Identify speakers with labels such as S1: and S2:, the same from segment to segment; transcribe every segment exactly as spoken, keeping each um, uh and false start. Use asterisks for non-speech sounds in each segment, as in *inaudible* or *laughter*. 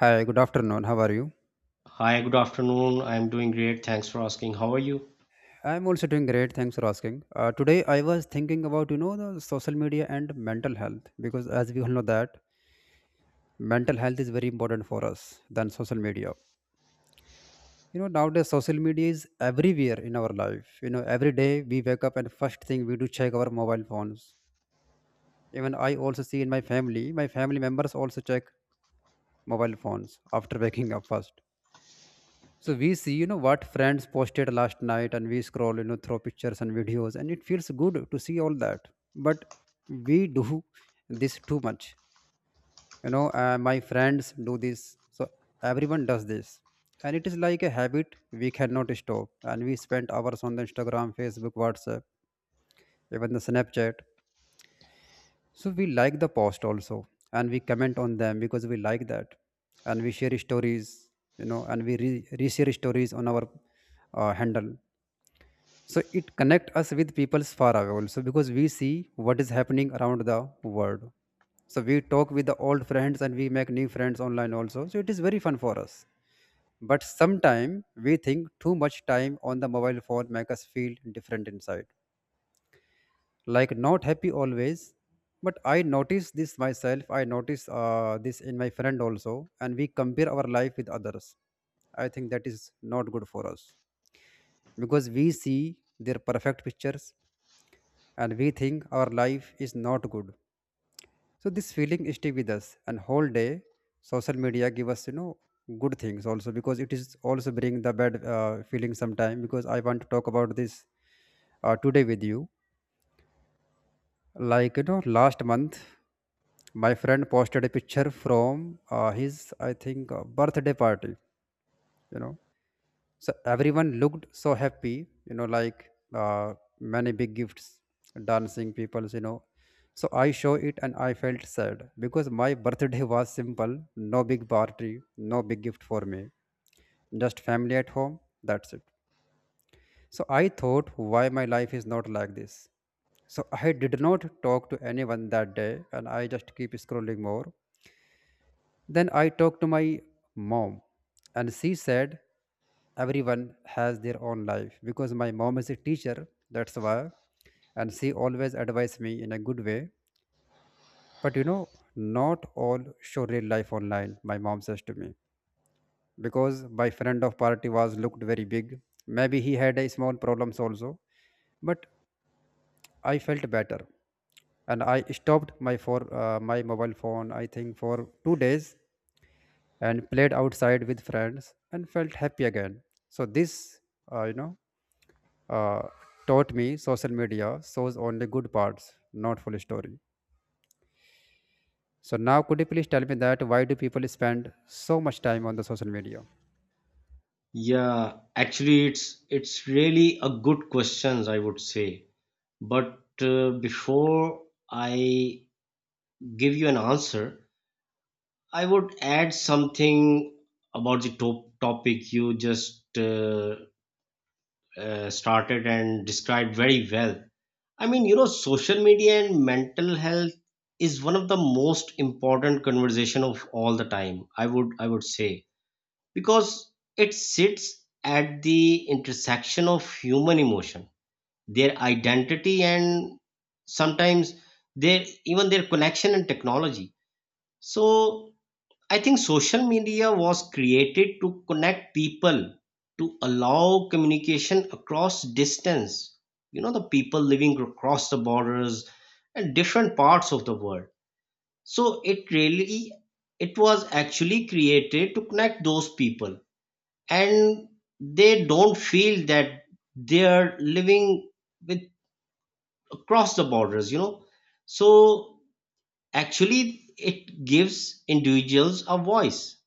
S1: Hi, good afternoon. How are you?
S2: Hi, good afternoon. I'm doing great. Thanks for asking. How are you?
S1: I'm also doing great. Thanks for asking. Uh, today I was thinking about you know the social media and mental health because as we all know that mental health is very important for us than social media. You know nowadays social media is everywhere in our life. You know every day we wake up and first thing we do check our mobile phones. Even I also see in my family, my family members also check mobile phones after *laughs* waking up first. So we see, you know, what friends posted last night, and we scroll, you know, through pictures and videos, and it feels good to see all that. But we do this too much. You know, uh, my friends do this. So everyone does this. And it is like a habit we cannot stop. And we spend hours on the Instagram, Facebook, WhatsApp, even the Snapchat. So we like the post also, and we comment on them because we like that. And we share stories, you know, and we re- reshare stories on our uh, handle, so it connect us with peoples far away also because we see what is happening around the world. So we talk with the old friends, and we make new friends online also, so it is very fun for us. But sometime we think too much time on the mobile phone make us feel different inside, like not happy always. But I notice this myself. I notice uh, this in my friend also, and we compare our life with others. I think that is not good for us because we see their perfect pictures and we think our life is not good. So this feeling stick with us and whole day social media give us you know good things also, because it is also bring the bad uh, feeling sometime. Because I want to talk about this uh, today with you. Like you know last month my friend posted a picture from uh, his I think uh, birthday party, you know so everyone looked so happy, you know like uh, many big gifts, dancing peoples, you know so I show it and I felt sad because my birthday was simple, no big party, no big gift for me, just family at home, that's it. So I thought, why my life is not like this? So I did not talk to anyone that day, and I just keep scrolling more. Then I talked to my mom, and she said, everyone has their own life. Because my mom is a teacher, that's why. And she always advised me in a good way. But you know, not all show real life online, my mom says to me. Because my friend of party was looked very big. Maybe he had a small problems also. But I felt better. And I stopped my for uh, my mobile phone, I think, for two days and played outside with friends and felt happy again. So this, uh, you know, uh, taught me social media shows only good parts, not full story. So now, could you please tell me that why do people spend so much time on the social media?
S2: Yeah, actually, it's it's really a good questions, I would say. But uh, before I give you an answer, I would add something about the top topic you just uh, uh, started and described very well. I mean, you know, social media and mental health is one of the most important conversation of all the time. I would I would say, because it sits at the intersection of human emotion, their identity, and sometimes their even their connection and technology. So I think social media was created to connect people, to allow communication across distance. You know, the people living across the borders and different parts of the world. So it really it was actually created to connect those people, and they don't feel that they're living with across the borders. You know so actually it gives individuals a voice,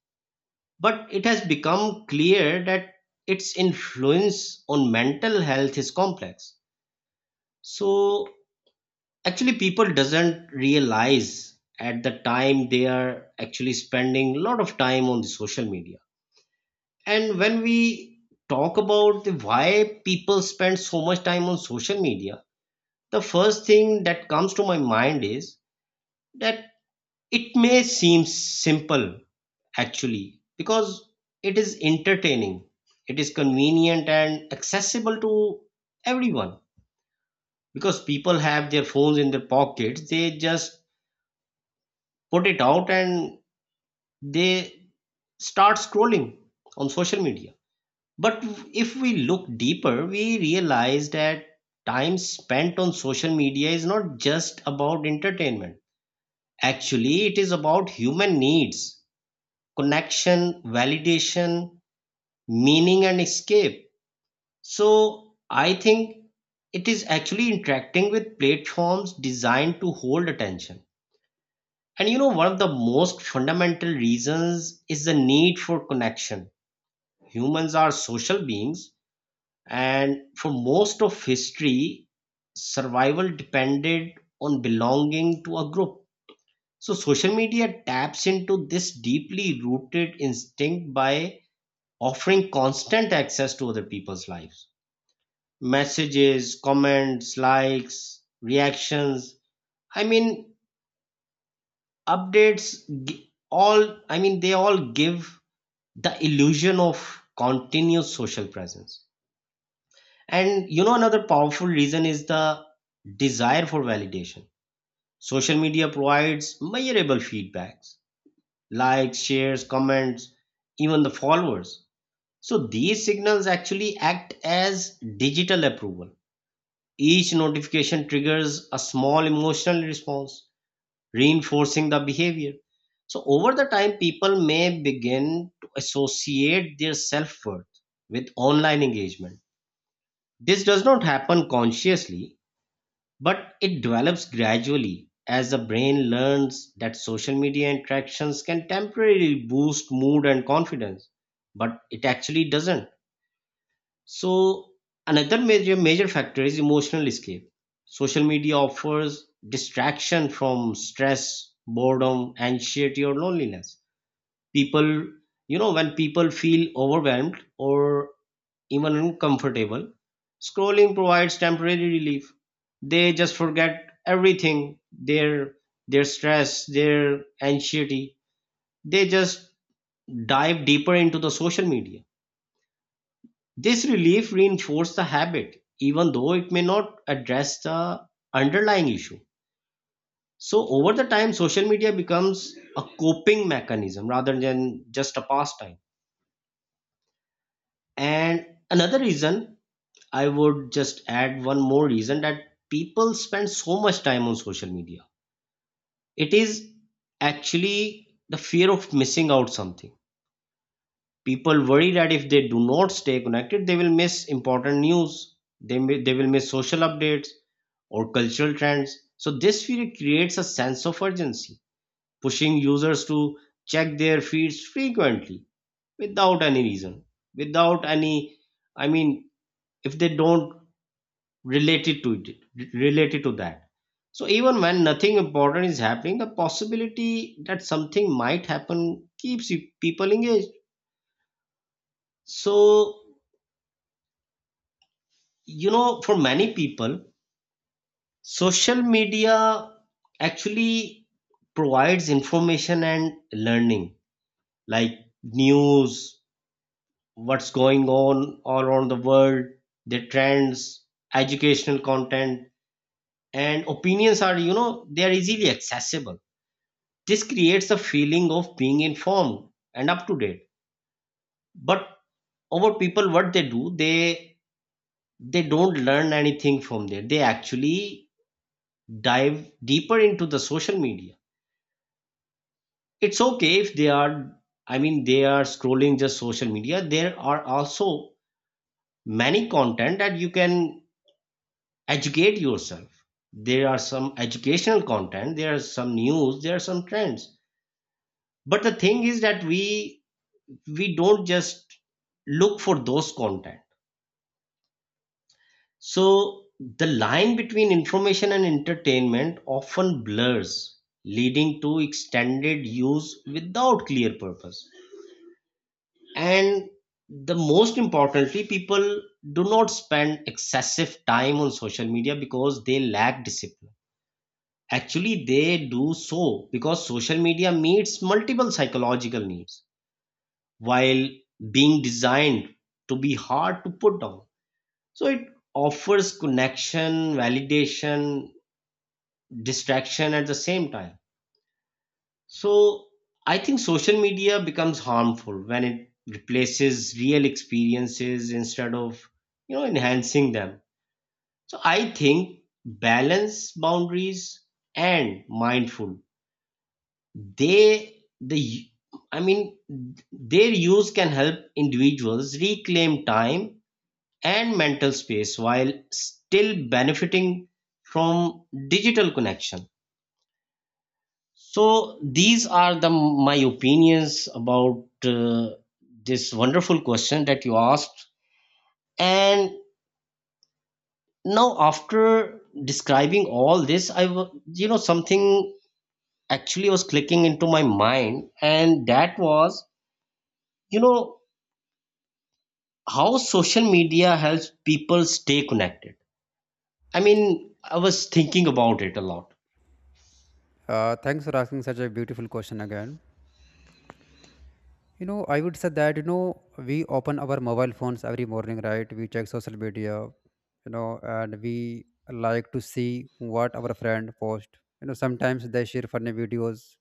S2: but it has become clear that its influence on mental health is complex. So actually people doesn't realize at the time they are actually spending a lot of time on the social media. And when we talk about the why people spend so much time on social media, the first thing that comes to my mind is that it may seem simple actually, because it is entertaining, it is convenient and accessible to everyone, because people have their phones in their pockets. They just put it out and they start scrolling on social media. But if we look deeper, we realize that time spent on social media is not just about entertainment. Actually, it is about human needs: connection, validation, meaning, and escape. So, I think it is actually interacting with platforms designed to hold attention. And you know, one of the most fundamental reasons is the need for connection. Humans are social beings, and for most of history, survival depended on belonging to a group. So social media taps into this deeply rooted instinct by offering constant access to other people's lives. Messages, comments, likes, reactions, I mean, updates, gi- all, I mean, they all give the illusion of continuous social presence. And you know, another powerful reason is the desire for validation. Social media provides measurable feedbacks: likes, shares, comments, even the followers. So these signals actually act as digital approval. Each notification triggers a small emotional response, reinforcing the behavior. So over the time, people may begin to associate their self-worth with online engagement. This does not happen consciously, but it develops gradually as the brain learns that social media interactions can temporarily boost mood and confidence, but it actually doesn't. So another major major factor is emotional escape. Social media offers distraction from stress, boredom, anxiety, or loneliness. People you know When people feel overwhelmed or even uncomfortable, scrolling provides temporary relief. They just forget everything, their their stress, their anxiety. They just dive deeper into the social media. This relief reinforces the habit, even though it may not address the underlying issue. So over the time, social media becomes a coping mechanism rather than just a pastime. And another reason, I would just add one more reason that people spend so much time on social media. It is actually the fear of missing out something. People worry that if they do not stay connected, they will miss important news. They may, they will miss social updates or cultural trends. So this fear creates a sense of urgency, pushing users to check their feeds frequently without any reason, without any. I mean, if they don't related to it related to that. So even when nothing important is happening, the possibility that something might happen keeps you- people engaged. So you know for many people, social media actually provides information and learning, like news, what's going on all around the world, the trends, educational content, and opinions are you know they are easily accessible. This creates a feeling of being informed and up to date. But our people, what they do, they they don't learn anything from there. They actually dive deeper into the social media. It's okay if they are, I mean, they are scrolling just social media. There are also many content that you can educate yourself. There are some educational content, there are some news, there are some trends. But the thing is that we we don't just look for those content. So the line between information and entertainment often blurs, leading to extended use without clear purpose. And the most importantly, people do not spend excessive time on social media because they lack discipline. Actually, they do so because social media meets multiple psychological needs while being designed to be hard to put down. So it offers connection, validation, distraction at the same time. So I think social media becomes harmful when it replaces real experiences instead of you know enhancing them. So I think balance, boundaries, and mindful. They the I mean, their use can help individuals reclaim time and mental space while still benefiting from digital connection. So these are the my opinions about uh, this wonderful question that you asked. And now after describing all this, I wa- you know something actually was clicking into my mind, and that was you know how social media helps people stay connected. I mean, I was thinking about it a lot.
S1: Uh, thanks for asking such a beautiful question again. You know, I would say that you know we open our mobile phones every morning, right? We check social media, you know, and we like to see what our friend post. You know, sometimes they share funny videos,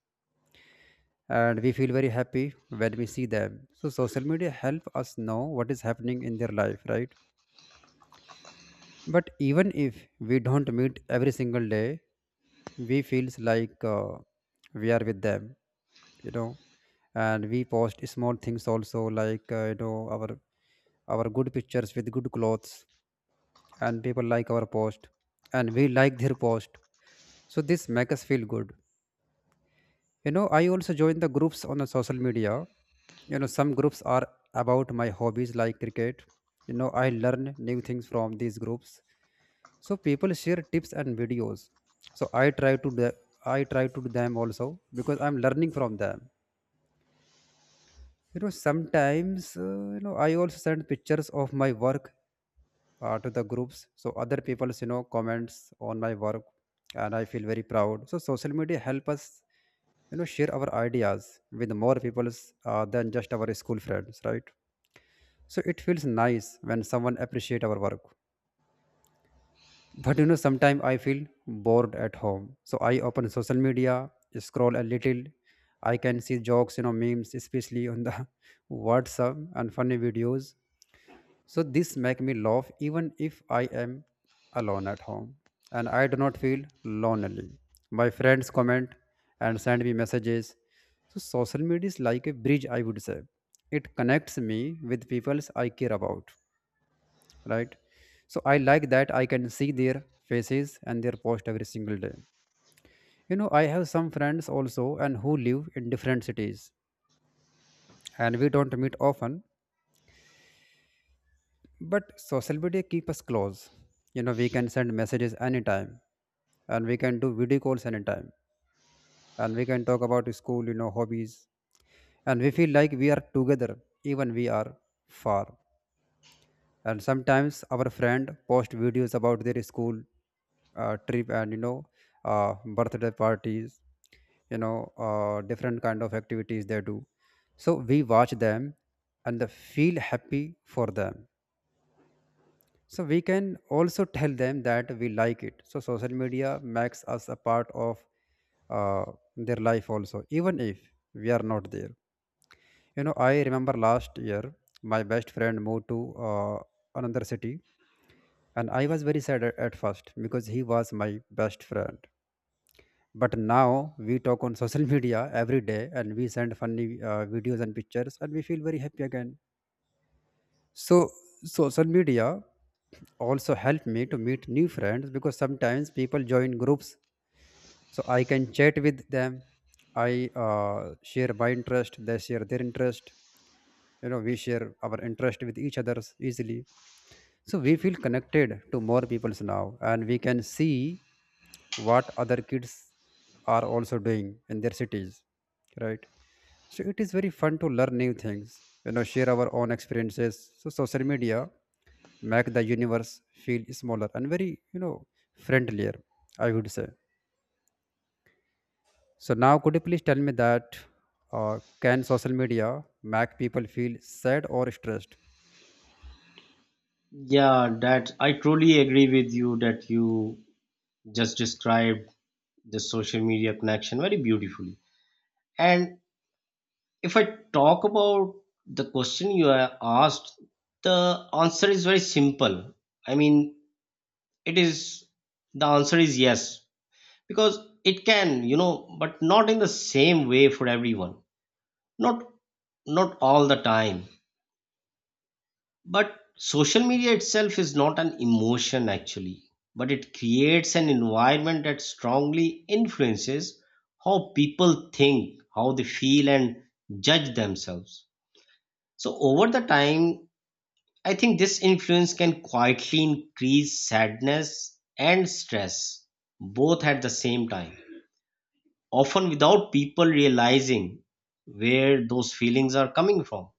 S1: and we feel very happy when we see them. So social media help us know what is happening in their life, right? But even if we don't meet every single day, we feels like uh, we are with them, you know. And we post small things also, like uh, you know our our good pictures with good clothes, and people like our post, and we like their post. So this make us feel good. you know I also join the groups on the social media. you know some groups are about my hobbies like cricket. you know I learn new things from these groups, so people share tips and videos. So i try to do I try to do them also, because I'm learning from them. You know sometimes uh, you know I also send pictures of my work uh, to the groups, so other people's you know comments on my work, and I feel very proud. So social media help us you know share our ideas with more people's uh, than just our school friends, right? So it feels nice when someone appreciate our work. But you know sometimes I feel bored at home, so I open social media, scroll a little. I can see jokes, you know memes, especially on the *laughs* WhatsApp, and funny videos. So this make me laugh even if I am alone at home, and I do not feel lonely. My friends comment and send me messages. So social media is like a bridge, I would say. It connects me with people I care about, right? So I like that I can see their faces and their post every single day. You know, I have some friends also and who live in different cities, and we don't meet often. But social media keep us close. You know, we can send messages anytime, and we can do video calls anytime, and we can talk about school, you know, hobbies. And we feel like we are together even we are far. And sometimes our friend post videos about their school uh, trip and you know uh, birthday parties, you know uh, different kind of activities they do. So we watch them and the feel happy for them. So we can also tell them that we like it. So social media makes us a part of uh, their life also, even if we are not there. You know, I remember last year my best friend moved to uh, another city, and I was very sad at at first because he was my best friend. But now we talk on *laughs* social media every day, and we send funny uh, videos and pictures, and we feel very happy again. So social media also helped me to meet new friends because sometimes people join groups, so I can chat with them. I uh, share my interest, they share their interest. You know, we share our interest with each others easily. So we feel connected to more peoples now, and we can see what other kids are also doing in their cities, right? So it is very fun to learn new things, you know, share our own experiences. So social media make the universe feel smaller and very, you know, friendlier, I would say. So now, could you please tell me that uh, can social media make people feel sad or stressed?
S2: Yeah, that I truly agree with you, that you just described the social media connection very beautifully. And if I talk about the question you have asked, the answer is very simple. I mean, it is the answer is yes, because it can, you know, but not in the same way for everyone. Not not all the time. But social media itself is not an emotion actually, but it creates an environment that strongly influences how people think, how they feel, and judge themselves. So over the time, I think this influence can quietly increase sadness and stress, both at the same time, often without people realizing where those feelings are coming from.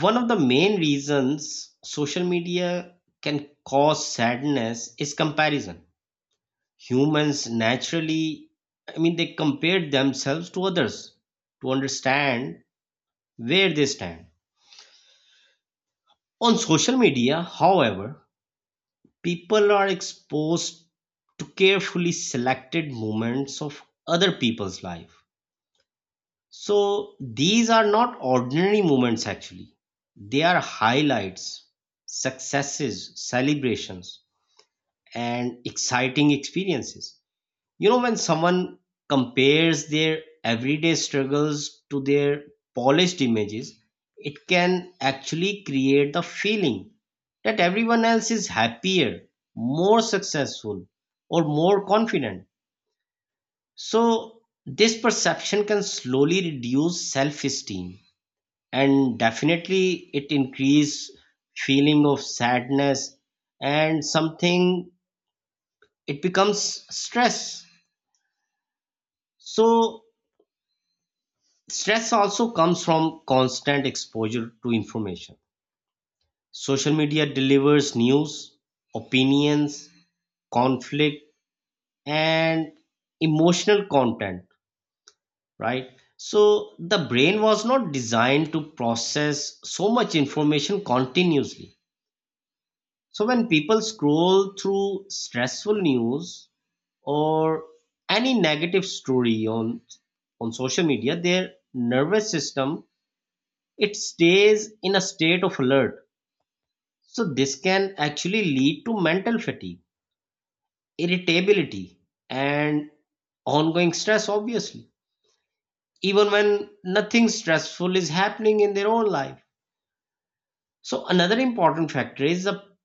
S2: One of the main reasons social media can cause sadness is comparison. Humans naturally, I mean, they compare themselves to others to understand where they stand. On social media, however, people are exposed to carefully selected moments of other people's life. So these are not ordinary moments actually. They are highlights, successes, celebrations, and exciting experiences. You know, when someone compares their everyday struggles to their polished images, it can actually create the feeling that everyone else is happier, more successful, or more confident. So, this perception can slowly reduce self esteem, and definitely it increase feeling of sadness, and something it becomes stress. So stress also comes from constant exposure to information. Social media delivers news, opinions, conflict, and emotional content, right? So the brain was not designed to process so much information continuously. So when people scroll through stressful news or any negative story on on social media, their nervous system, it stays in a state of alert. So this can actually lead to mental fatigue, irritability, and ongoing stress, obviously, even when nothing stressful is happening in their own life. So another important factor is the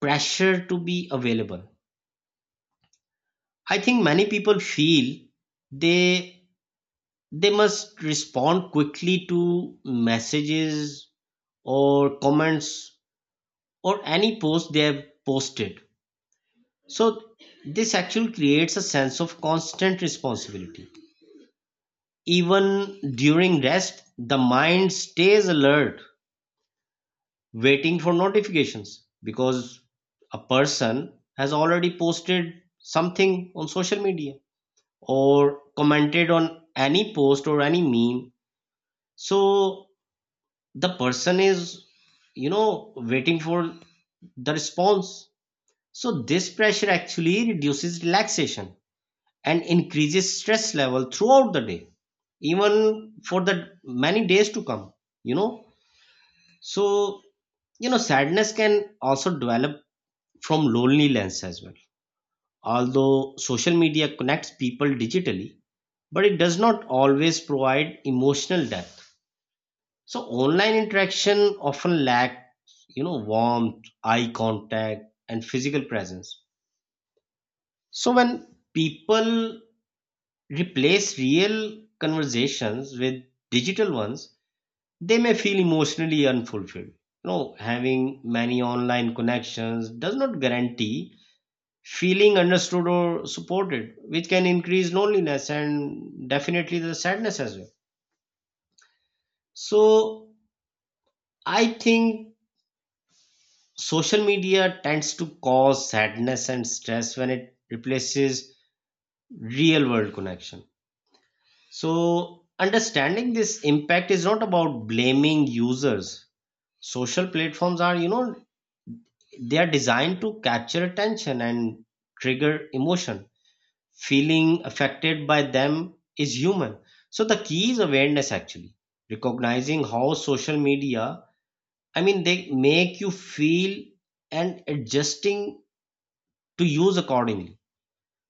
S2: pressure to be available. I think many people feel they they must respond quickly to messages or comments or any post they have posted. So this actually creates a sense of constant responsibility. Even during rest, the mind stays alert, waiting for notifications, because a person has already posted something on social media or commented on any post or any meme. So the person is, you know, waiting for the response. So this pressure actually reduces relaxation and increases stress level throughout the day, even for the many days to come. you know so you know sadness can also develop from loneliness as well. Although social media connects people digitally, but it does not always provide emotional depth. So online interaction often lacks, you know warmth, eye contact, and physical presence. So when people replace real conversations with digital ones, they may feel emotionally unfulfilled. You know, having many online connections does not guarantee feeling understood or supported, which can increase loneliness and definitely the sadness as well. So, I think social media tends to cause sadness and stress when it replaces real world connection. So, understanding this impact is not about blaming users. Social platforms are you know they are designed to capture attention and trigger emotion. Feeling affected by them is human. So the key is awareness actually, recognizing how social media, I mean, they make you feel, and adjusting to use accordingly.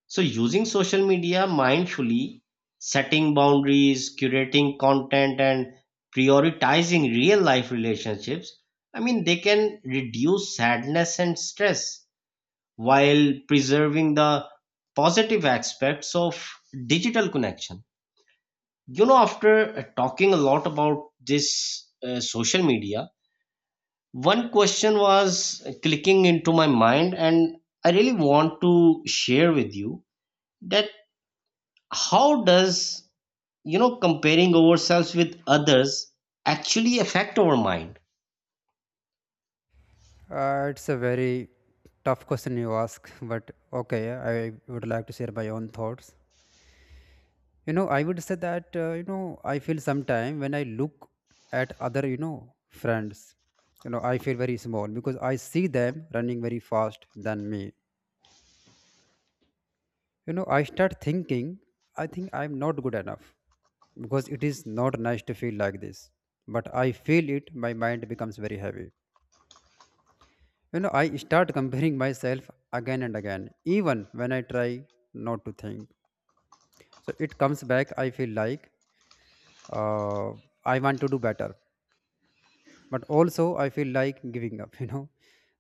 S2: So, using social media mindfully, setting boundaries, curating content, and prioritizing real life relationships, I mean, they can reduce sadness and stress while preserving the positive aspects of digital connection. You know, after uh, talking a lot about this uh, social media, one question was clicking into my mind, and I really want to share with you that how does you know comparing ourselves with others actually affect our mind.
S1: Uh, it's a very tough question you ask, but okay, I would like to share my own thoughts. You know, I would say that, uh, you know, I feel sometime when I look at other, you know, friends, you know, I feel very small because I see them running very fast than me. You know, I start thinking, I think I'm not good enough because it is not nice to feel like this. But I feel it, my mind becomes very heavy. You know, I start comparing myself again and again, even when I try not to think. So it comes back. I feel like uh, I want to do better. But also, I feel like giving up, *laughs* you know.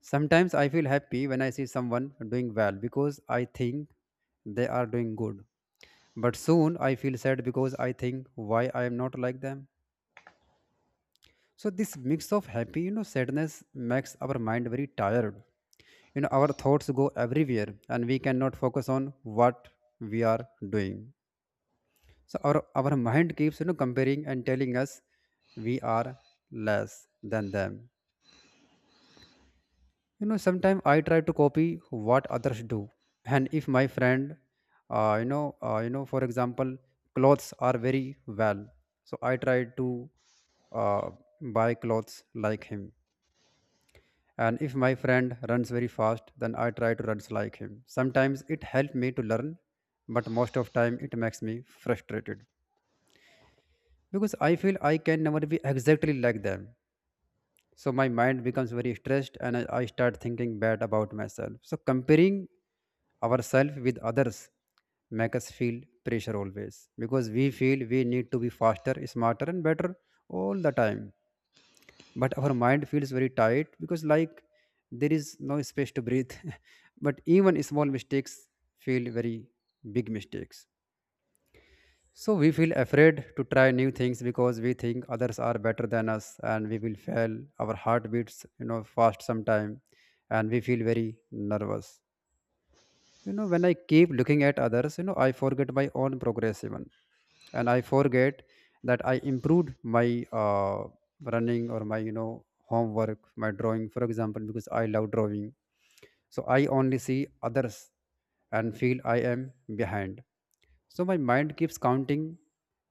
S1: Sometimes I feel happy when I see someone doing well because I think they are doing good. But soon I feel sad because I think why I am not like them. So this mix of happy, you know, sadness makes our mind very tired. You know, our thoughts go everywhere and we cannot focus on what we are doing. So our, our mind keeps, you know, comparing and telling us we are less than them. You know, sometimes I try to copy what others do. And if my friend, uh, you know, uh, you know, for example, clothes are very well. So I try to uh, buy clothes like him. And if my friend runs very fast, then I try to run like him. Sometimes it helps me to learn, but most of time it makes me frustrated because I feel I can never be exactly like them. So my mind becomes very stressed, and I I start thinking bad about myself. So comparing ourselves with others make us feel pressure always because we feel we need to be faster, smarter and better all the time. But our mind feels very tight because like there is no space to breathe. *laughs* But even small mistakes feel very big mistakes. So we feel afraid to try new things because we think others are better than us and we will fail. Our heart beats you know fast sometime, and we feel very nervous. you know when I keep looking at others, you know I forget my own progress even. And I forget that I improved my uh, running or my you know homework, my drawing, for example, because I love drawing. So I only see others and feel I am behind. So my mind keeps counting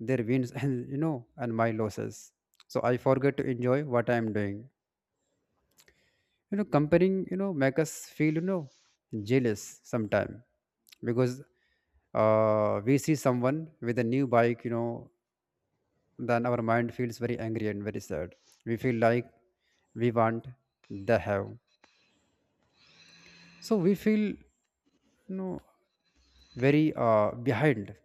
S1: their wins *laughs* and you know and my losses. So I forget to enjoy what I am doing. you know comparing you know make us feel you know jealous sometime. Because uh, we see someone with a new bike, you know then our mind feels very angry and very sad. We feel like we want the have. So we feel you know very uh, behind.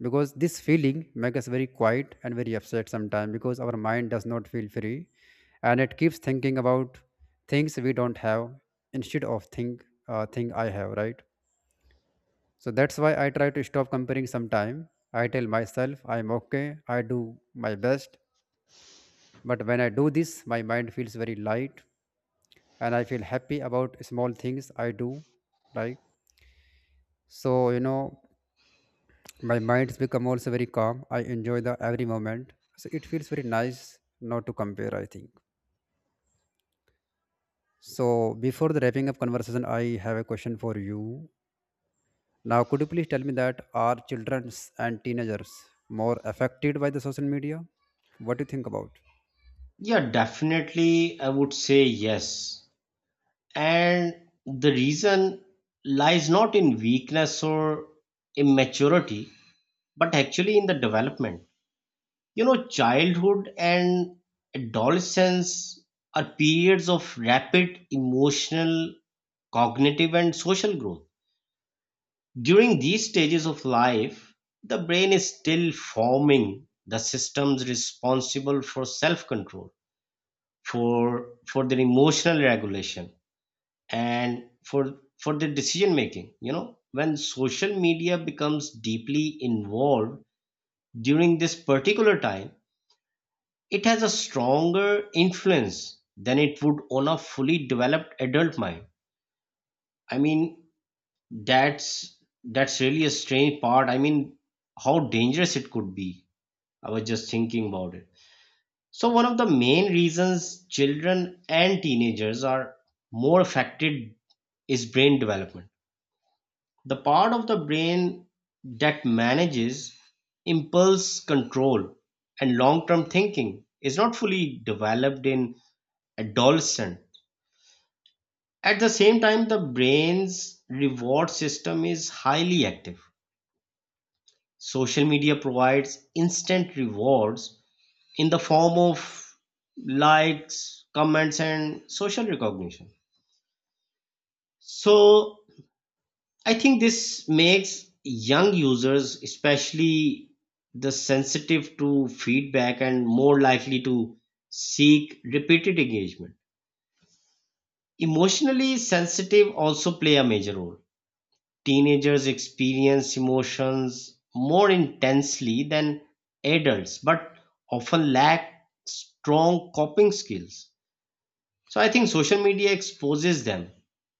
S1: Because this feeling makes us very quiet and very upset sometimes, because our mind does not feel free and it keeps thinking about things we don't have instead of think uh, thing I have, right? So that's why I try to stop comparing sometime. I tell myself I'm okay, I do my best. But when I do this, my mind feels very light, and I feel happy about small things I do, right? So you know my mind's become also very calm. I enjoy the every moment. So it feels very nice not to compare, I think. So before the wrapping up conversation, I have a question for you. Now, could you please tell me that are childrens and teenagers more affected by the social media? What do you think about?
S2: Yeah, definitely, I would say yes. And the reason lies not in weakness or immaturity, but actually in the development. You know, childhood and adolescence are periods of rapid emotional, cognitive and social growth. During these stages of life, the brain is still forming the systems responsible for self control, for, for their emotional regulation, and for, for their decision making. You know, when social media becomes deeply involved during this particular time, it has a stronger influence than it would on a fully developed adult mind. I mean, That's that's really a strange part. I mean, how dangerous it could be. I was just thinking about it. So one of the main reasons children and teenagers are more affected is brain development. The part of the brain that manages impulse control and long-term thinking is not fully developed in adolescent. At the same time, the brain's reward system is highly active. Social media provides instant rewards in the form of likes, comments, and social recognition. So I think this makes young users, especially the sensitive to feedback and more likely to seek repeated engagement. Emotionally sensitive also play a major role. Teenagers experience emotions more intensely than adults, but often lack strong coping skills. So I think social media exposes them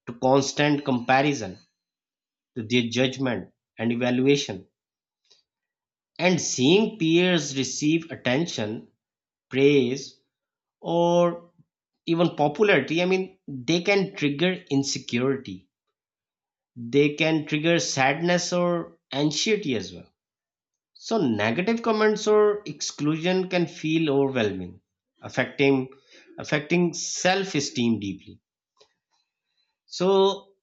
S2: to constant comparison, to their judgment and evaluation. And seeing peers receive attention, praise, or even popularity, I mean, they can trigger insecurity. They can trigger sadness or anxiety as well. So negative comments or exclusion can feel overwhelming, affecting affecting self-esteem deeply. So,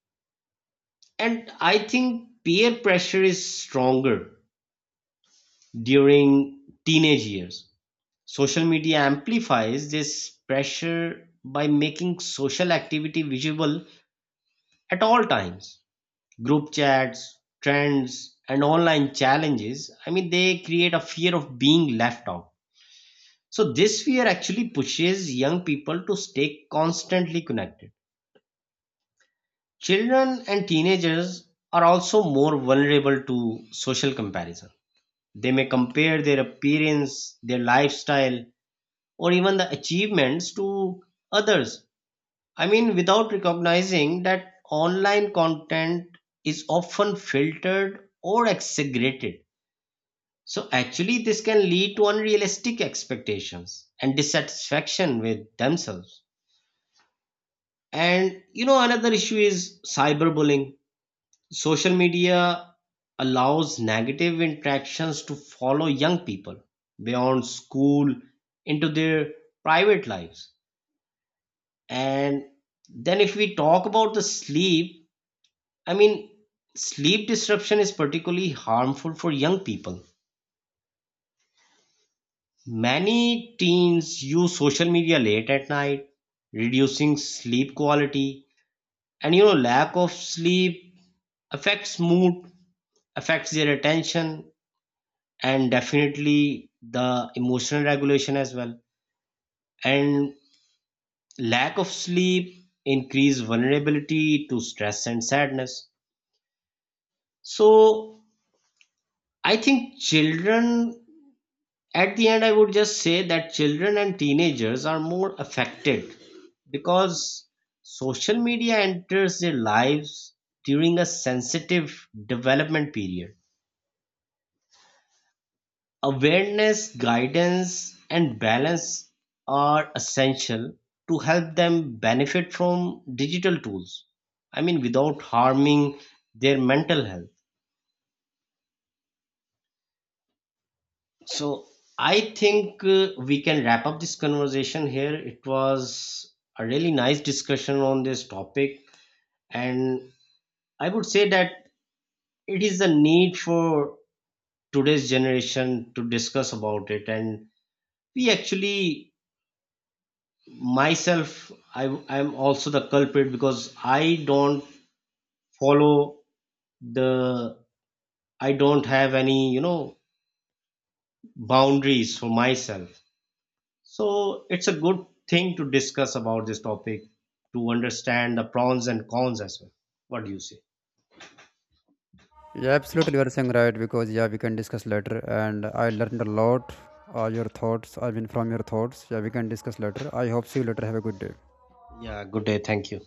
S2: and I think peer pressure is stronger during teenage years. Social media amplifies this pressure by making social activity visible at all times. Group chats, trends, and online challenges, I mean they create a fear of being left out. So this fear actually pushes young people to stay constantly connected. Children and teenagers are also more vulnerable to social comparison. They may compare their appearance, their lifestyle, or even the achievements to others. I mean, without recognizing that online content is often filtered or exaggerated. So, actually, this can lead to unrealistic expectations and dissatisfaction with themselves. And you know, another issue is cyberbullying. Social media allows negative interactions to follow young people beyond school into their private lives. And then, if we talk about the sleep, I mean, sleep disruption is particularly harmful for young people. Many teens use social media late at night, reducing sleep quality. And you know, lack of sleep affects mood, affects their attention and definitely the emotional regulation as well. And lack of sleep increase vulnerability to stress and sadness. So I think children, at the end I would just say that children and teenagers are more affected because social media enters their lives during a sensitive development period. Awareness, guidance, and balance are essential to help them benefit from digital tools. I mean, without harming their mental health. So, I think uh, we can wrap up this conversation here. It was a really nice discussion on this topic, and I would say that it is the need for today's generation to discuss about it, and we actually, myself, i i'm also the culprit because I don't follow the I don't have any, you know, boundaries for myself. So it's a good thing to discuss about this topic, to understand the pros and cons as well. What do you say?
S1: Yeah, absolutely, you are saying right because yeah, we can discuss later. And I learned a lot. Uh, your thoughts, I mean, from your thoughts. Yeah, we can discuss later. I hope see you later. Have a good day.
S2: Yeah, good day, thank you.